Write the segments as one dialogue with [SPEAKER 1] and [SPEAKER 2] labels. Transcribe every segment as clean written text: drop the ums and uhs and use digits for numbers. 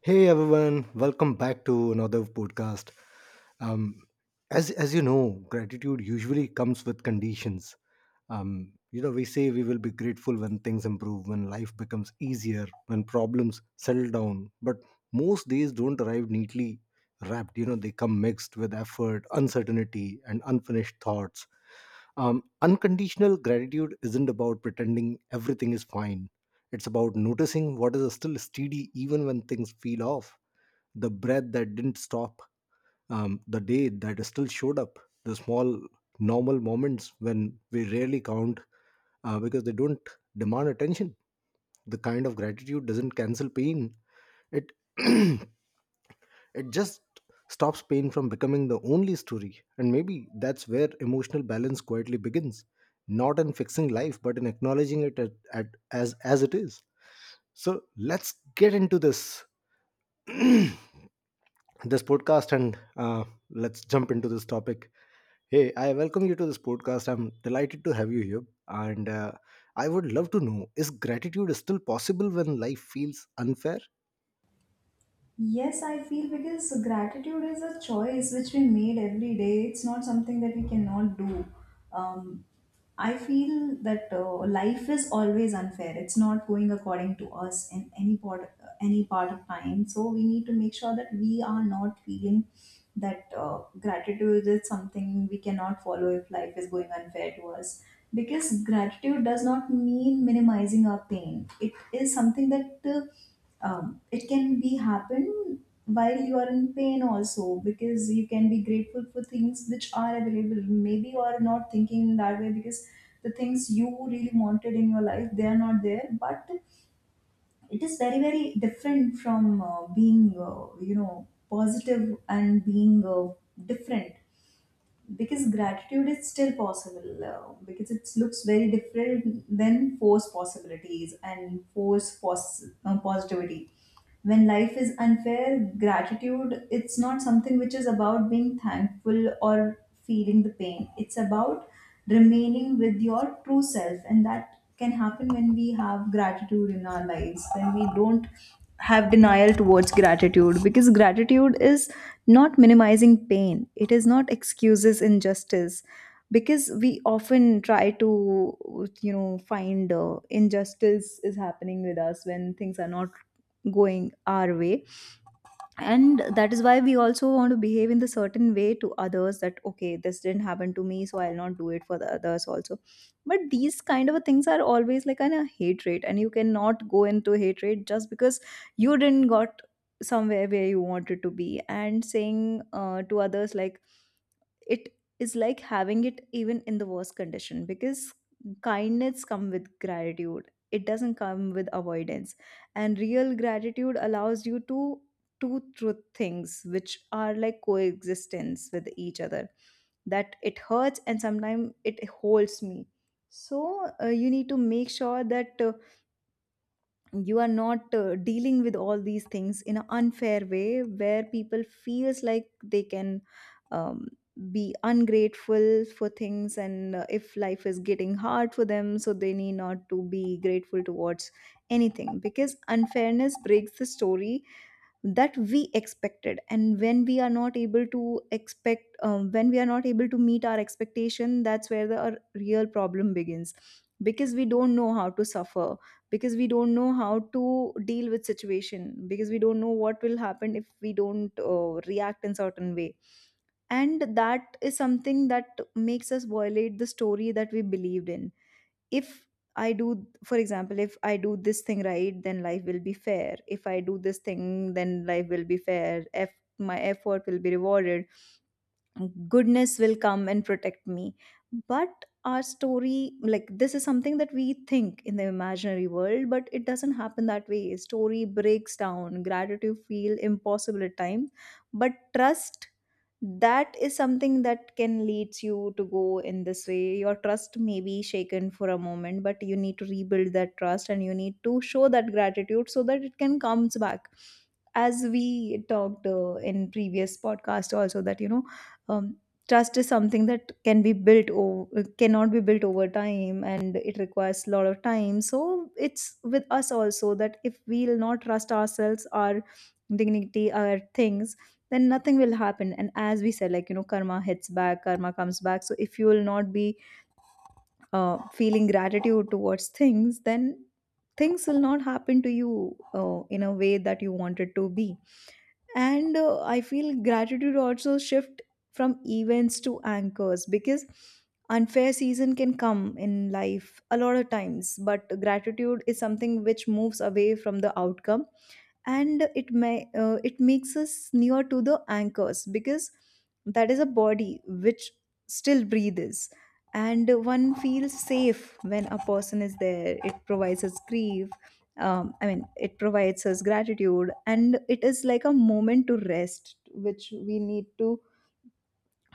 [SPEAKER 1] Hey everyone, welcome back to another podcast. Um, as you know, gratitude usually comes with conditions. We say we will be grateful when things improve, when life becomes easier, when problems settle down. But most days don't arrive neatly wrapped. They come mixed with effort, uncertainty, and unfinished thoughts. Unconditional gratitude isn't about pretending everything is fine. It's about noticing what is still steady even when things feel off, the breath that didn't stop, the day that still showed up, the small normal moments when we rarely count because they don't demand attention. The kind of gratitude doesn't cancel pain. It It just stops pain from becoming the only story. And maybe that's where emotional balance quietly begins, not in fixing life, but in acknowledging it as it is. So let's get into this. This podcast, and let's jump into this topic. Hey, I welcome you to this podcast. I'm delighted to have you here, and I would love to know, is gratitude still possible when life feels unfair?
[SPEAKER 2] Yes, I feel because gratitude is a choice which we made every day. It's not something that we cannot do. Um, I feel that life is always unfair. It's not going according to us in any part of time. So we need to make sure that we are not feeling that gratitude is something we cannot follow if life is going unfair to us. Because gratitude does not mean minimizing our pain. It is something that it can be happen while you are in pain also, because you can be grateful for things which are available. Maybe you are not thinking in that way because the things you really wanted in your life, they are not there. But it is very very different from being positive and being different, because gratitude is still possible, because it looks very different than force possibilities and force positivity. When life is unfair, gratitude, it's not something which is about being thankful or feeling the pain. It's about remaining with your true self, and that can happen when we have gratitude in our lives, when we don't have denial towards gratitude, because gratitude is not minimizing pain, it is not excuses injustice. Because we often try to, you know, find injustice is happening with us when things are not going our way. And that is why we also want to behave in the certain way to others, that okay, this didn't happen to me so I'll not do it for the others also. But these kind of things are always like an a hatred, and you cannot go into hatred just because you didn't got somewhere where you wanted to be, and saying to others like it is like having it even in the worst condition, because kindness come with gratitude, it doesn't come with avoidance. And real gratitude allows you to two truth things which are like coexistence with each other, that it hurts and sometimes it holds me. So you need to make sure that you are not dealing with all these things in an unfair way where people feels like they can um, be ungrateful for things. And if life is getting hard for them, so they need not to be grateful towards anything, because unfairness breaks the story that we expected. And when we are not able to expect, when we are not able to meet our expectation, that's where the our real problem begins. Because we don't know how to suffer, because we don't know how to deal with situation, because we don't know what will happen if we don't react in certain way. And that is something that makes us violate the story that we believed in. If I do, for example, if I do this thing right, then life will be fair. If I do this thing, then life will be fair. If my effort will be rewarded, goodness will come and protect me. But our story like this is something that we think in the imaginary world, but it doesn't happen that way. Story breaks down, gratitude feel impossible at times. But trust, that is something that can leads you to go in this way. Your trust may be shaken for a moment, but you need to rebuild that trust, and you need to show that gratitude so that it can comes back. As we talked in previous podcast also, that you know, um, trust is something that can be built or cannot be built over time, and it requires a lot of time. So it's with us also, that if we'll not trust ourselves, our dignity, our things, then nothing will happen. And as we said, like, you know, karma hits back, karma comes back. So if you will not be feeling gratitude towards things, then things will not happen to you in a way that you want it to be. And I feel gratitude also shift from events to anchors, because unfair season can come in life a lot of times, but gratitude is something which moves away from the outcome, and it makes us near to the anchors, because that is a body which still breathes, and one feels safe when a person is there. It provides us grief. I mean, it provides us gratitude, and it is like a moment to rest which we need to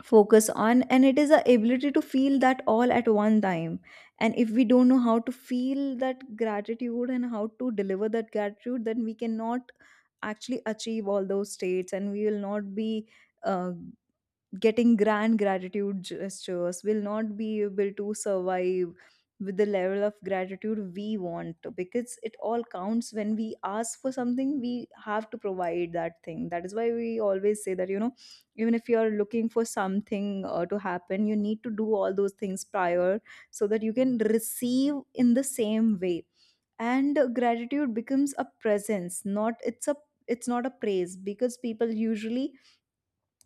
[SPEAKER 2] focus on, and it is the ability to feel that all at one time. And if we don't know how to feel that gratitude and how to deliver that gratitude, then we cannot actually achieve all those states, and we will not be uh, getting grand gratitude gestures, will not be able to survive with the level of gratitude we want. Because it all counts, when we ask for something we have to provide that thing. That is why we always say that, you know, even if you are looking for something to happen, you need to do all those things prior so that you can receive in the same way. And gratitude becomes a presence, not it's a, it's not a praise. Because people usually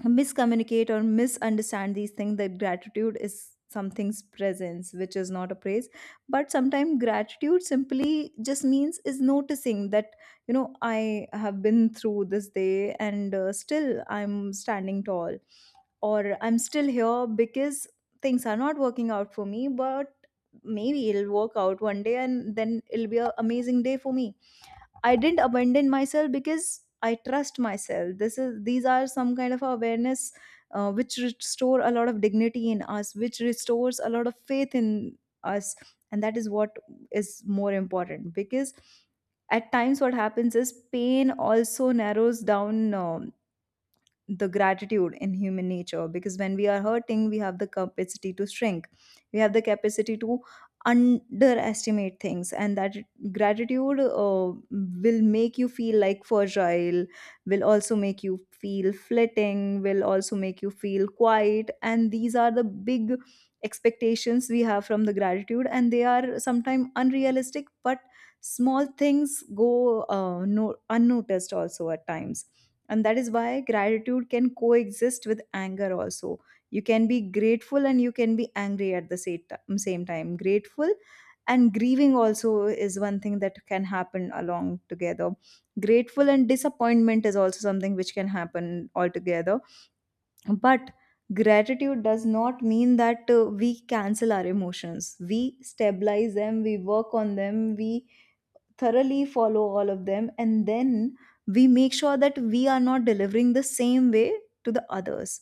[SPEAKER 2] miscommunicate or misunderstand these things, that gratitude is something's presence which is not a praise. But sometimes gratitude simply just means is noticing that, you know, I have been through this day, and still I'm standing tall, or I'm still here. Because things are not working out for me, but maybe it'll work out one day and then it'll be an amazing day for me. I didn't abandon myself because I trust myself. This is These are some kind of awareness which restore a lot of dignity in us, which restores a lot of faith in us, and that is what is more important. Because at times what happens is pain also narrows down the gratitude in human nature, because when we are hurting we have the capacity to shrink, we have the capacity to underestimate things. And that gratitude will make you feel like fragile, will also make you feel flitting, will also make you feel quiet. And these are the big expectations we have from the gratitude, and they are sometimes unrealistic. But small things go no, unnoticed also at times. And that is why gratitude can coexist with anger also. You can be grateful and you can be angry at the same time grateful and grieving also is one thing that can happen along together. Grateful and disappointment is also something which can happen altogether. But gratitude does not mean that we cancel our emotions. We stabilize them, we work on them, we thoroughly follow all of them, and then we make sure that we are not delivering the same way to the others.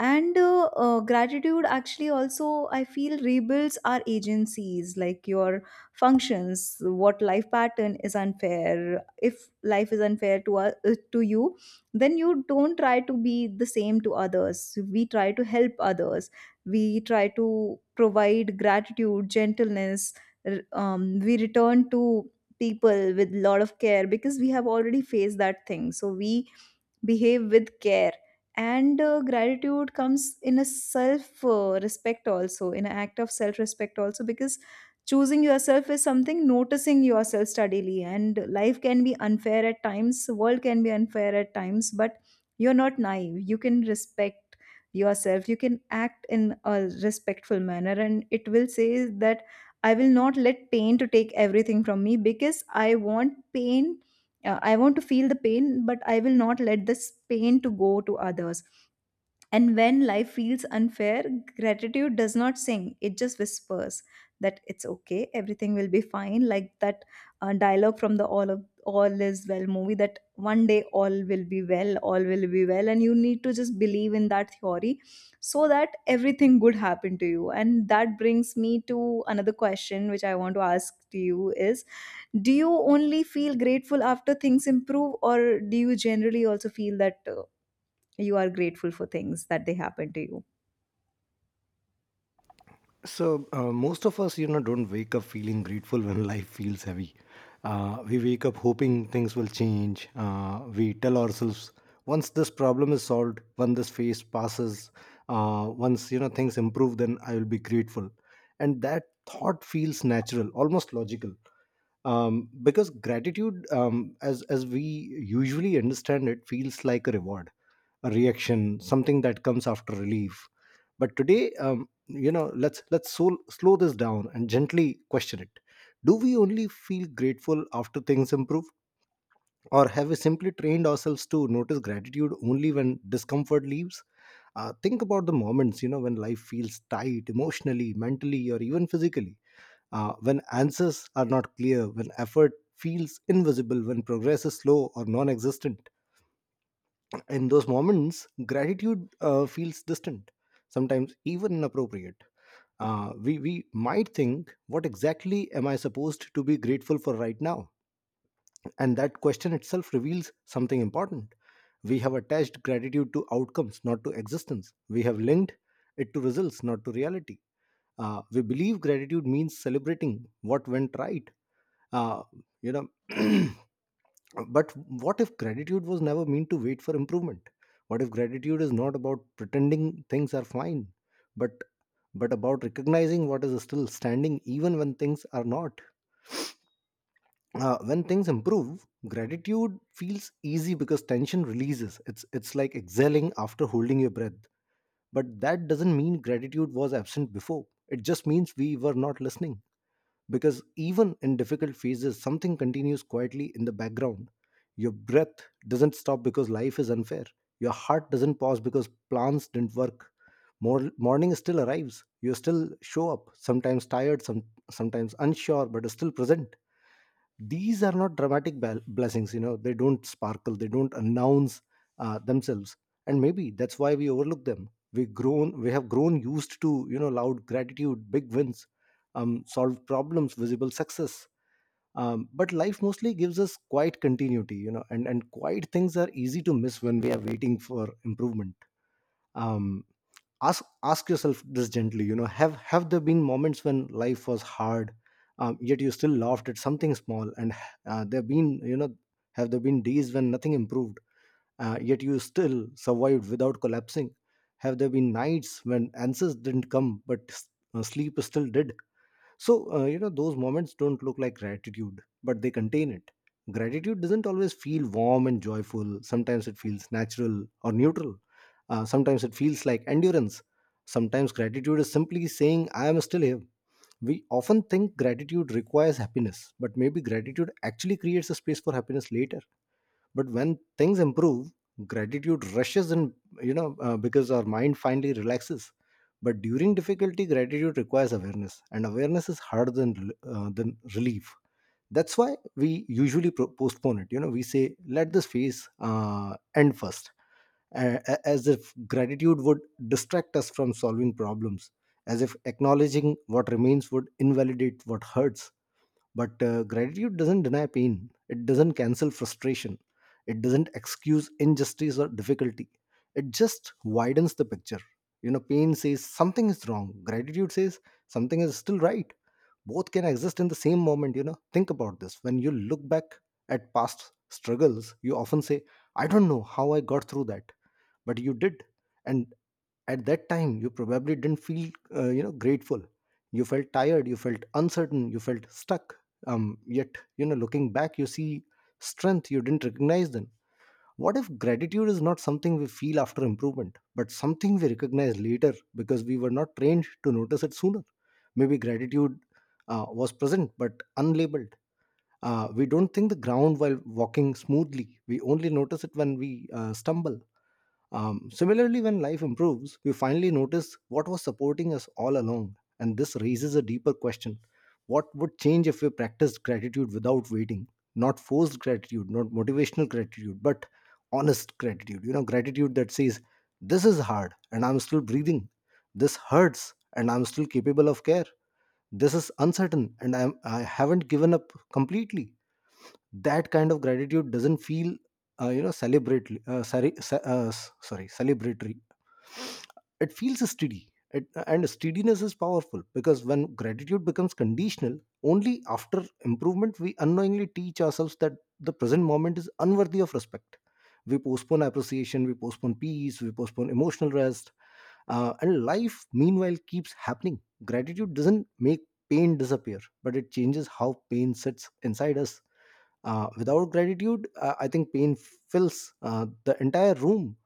[SPEAKER 2] And gratitude actually also, I feel, rebuilds our agencies, like your functions. What life pattern is unfair, if life is unfair to us, to you, then you don't try to be the same to others. We try to help others, we try to provide gratitude, gentleness. We return to people with a lot of care because we have already faced that thing, so we behave with care. And gratitude comes in a self respect also, in an act of self respect also, because choosing yourself is something, noticing yourself steadily. And life can be unfair at times, world can be unfair at times, but you're not naive. You can respect yourself, you can act in a respectful manner, and it will say that I will not let pain to take everything from me, because I want pain, I want to feel the pain, but I will not let this pain to go to others. And when life feels unfair, gratitude does not sing, it just whispers that it's okay, everything will be fine. Like that dialogue from the "All of All is Well" movie, that one day all will be well, all will be well, and you need to just believe in that theory so that everything good happen to you. And that brings me to another question, which I want to ask to you is, do you only feel grateful after things improve, or do you generally also feel that you are grateful for things that they happen to you?
[SPEAKER 1] Most of us, don't wake up feeling grateful when life feels heavy. We wake up hoping things will change. We tell ourselves once this problem is solved, when this phase passes, once things improve, then I will be grateful. And that thought feels natural, almost logical, because gratitude, as we usually understand it, feels like a reward, a reaction, something that comes after relief. But today, you know, slow this down and gently question it. Do we only feel grateful after things improve, or have we simply trained ourselves to notice gratitude only when discomfort leaves? Think about the moments, you know, when life feels tight, emotionally, mentally, or even physically, when answers are not clear, when effort feels invisible, when progress is slow or non existent. In those moments, gratitude feels distant, sometimes even inappropriate. We might think, what exactly am I supposed to be grateful for right now? And that question itself reveals something important. We have attached gratitude to outcomes, not to existence. We have linked it to results, not to reality. We believe gratitude means celebrating what went right, uh, you know but what if gratitude was never meant to wait for improvement? What if gratitude is not about pretending things are fine, but about recognizing what is still standing even when things are not? When things improve, gratitude feels easy because tension releases. It's like exhaling after holding your breath. But that doesn't mean gratitude was absent before. It just means we were not listening, because even in difficult phases, something continues quietly in the background. Your breath doesn't stop because life is unfair. Your heart doesn't pause because plans didn't work. Morning still arrives. You still show up, sometimes tired, sometimes unsure, but still present. These are not dramatic blessings. You know, they don't sparkle, they don't announce themselves. And maybe that's why we overlook them. We have grown used to, you know, loud gratitude, big wins, solved problems, visible success. But life mostly gives us quiet continuity, you know, and quiet things are easy to miss when we are waiting for improvement. Um, ask ask yourself this gently. You know, have there been moments when life was hard, yet you still laughed at something small? And there been you know have there been days when nothing improved, yet you still survived without collapsing? Have there been nights when answers didn't come, but sleep still did? You know, those moments don't look like gratitude, but they contain it. Gratitude doesn't always feel warm and joyful. Sometimes it feels natural or neutral. Sometimes it feels like endurance. Sometimes gratitude is simply saying, I am still here. We often think gratitude requires happiness, but maybe gratitude actually creates a space for happiness later. But when things improve, gratitude rushes in, you know, because our mind finally relaxes. But during difficulty, gratitude requires awareness, and awareness is harder than relief. That's why we usually postpone it. You know, we say let this phase end first, as if gratitude would distract us from solving problems, as if acknowledging what remains would invalidate what hurts. But gratitude doesn't deny pain, it doesn't cancel frustration, it doesn't excuse injustice or difficulty. It just widens the picture. You know, pain says something is wrong, gratitude says something is still right. Both can exist in the same moment, you know. Think about this. When you look back at past struggles, you often say, I don't know how I got through that, but you did. And at that time you probably didn't feel, grateful. You felt tired, you felt uncertain, you felt stuck. Yet, you know, looking back, you see strength you didn't recognize then. What if gratitude is not something we feel after improvement, but something we recognize later because we were not trained to notice it sooner? Maybe gratitude was present but unlabeled. We don't think the ground while walking smoothly. We only notice it when we stumble. Similarly, when life improves, we finally notice what was supporting us all along. And this raises a deeper question. What would change if we practiced gratitude without waiting? Not forced gratitude, not motivational gratitude, but honest gratitude. You know, gratitude that says, this is hard and I'm still breathing. This hurts and I'm still capable of care. This is uncertain and I haven't given up completely. That kind of gratitude doesn't feel, celebratory, sorry ce- s- sorry celebratory. It feels steady. And steadiness is powerful, because when gratitude becomes conditional, only after improvement, we unknowingly teach ourselves that the present moment is unworthy of respect. We postpone appreciation, we postpone peace, we postpone emotional rest. And life meanwhile keeps happening. Gratitude doesn't make pain disappear, but it changes how pain sits inside us. Without gratitude, I think pain fills the entire room.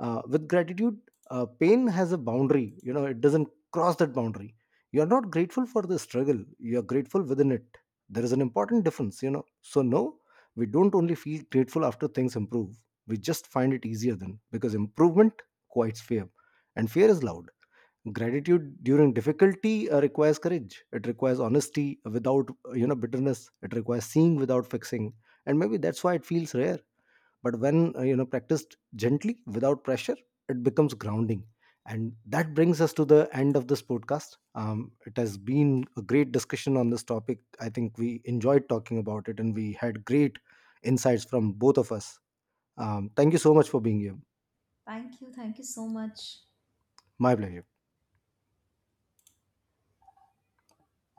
[SPEAKER 1] With gratitude, pain has a boundary. You know, it doesn't cross that boundary. You're not grateful for the struggle. You're grateful within it. There is an important difference. You know, so no, we don't only feel grateful after things improve. We just find it easier then because improvement quiets fear, and fear is loud. Gratitude during difficulty requires courage. It requires honesty without, bitterness. It requires seeing without fixing. And maybe that's why it feels rare. But when, practiced gently without pressure, it becomes grounding. And that brings us to the end of this podcast. It has been a great discussion on this topic. I think we enjoyed talking about it and we had great insights from both of us. Thank you so much for being here.
[SPEAKER 2] Thank you. Thank you so much.
[SPEAKER 1] My pleasure.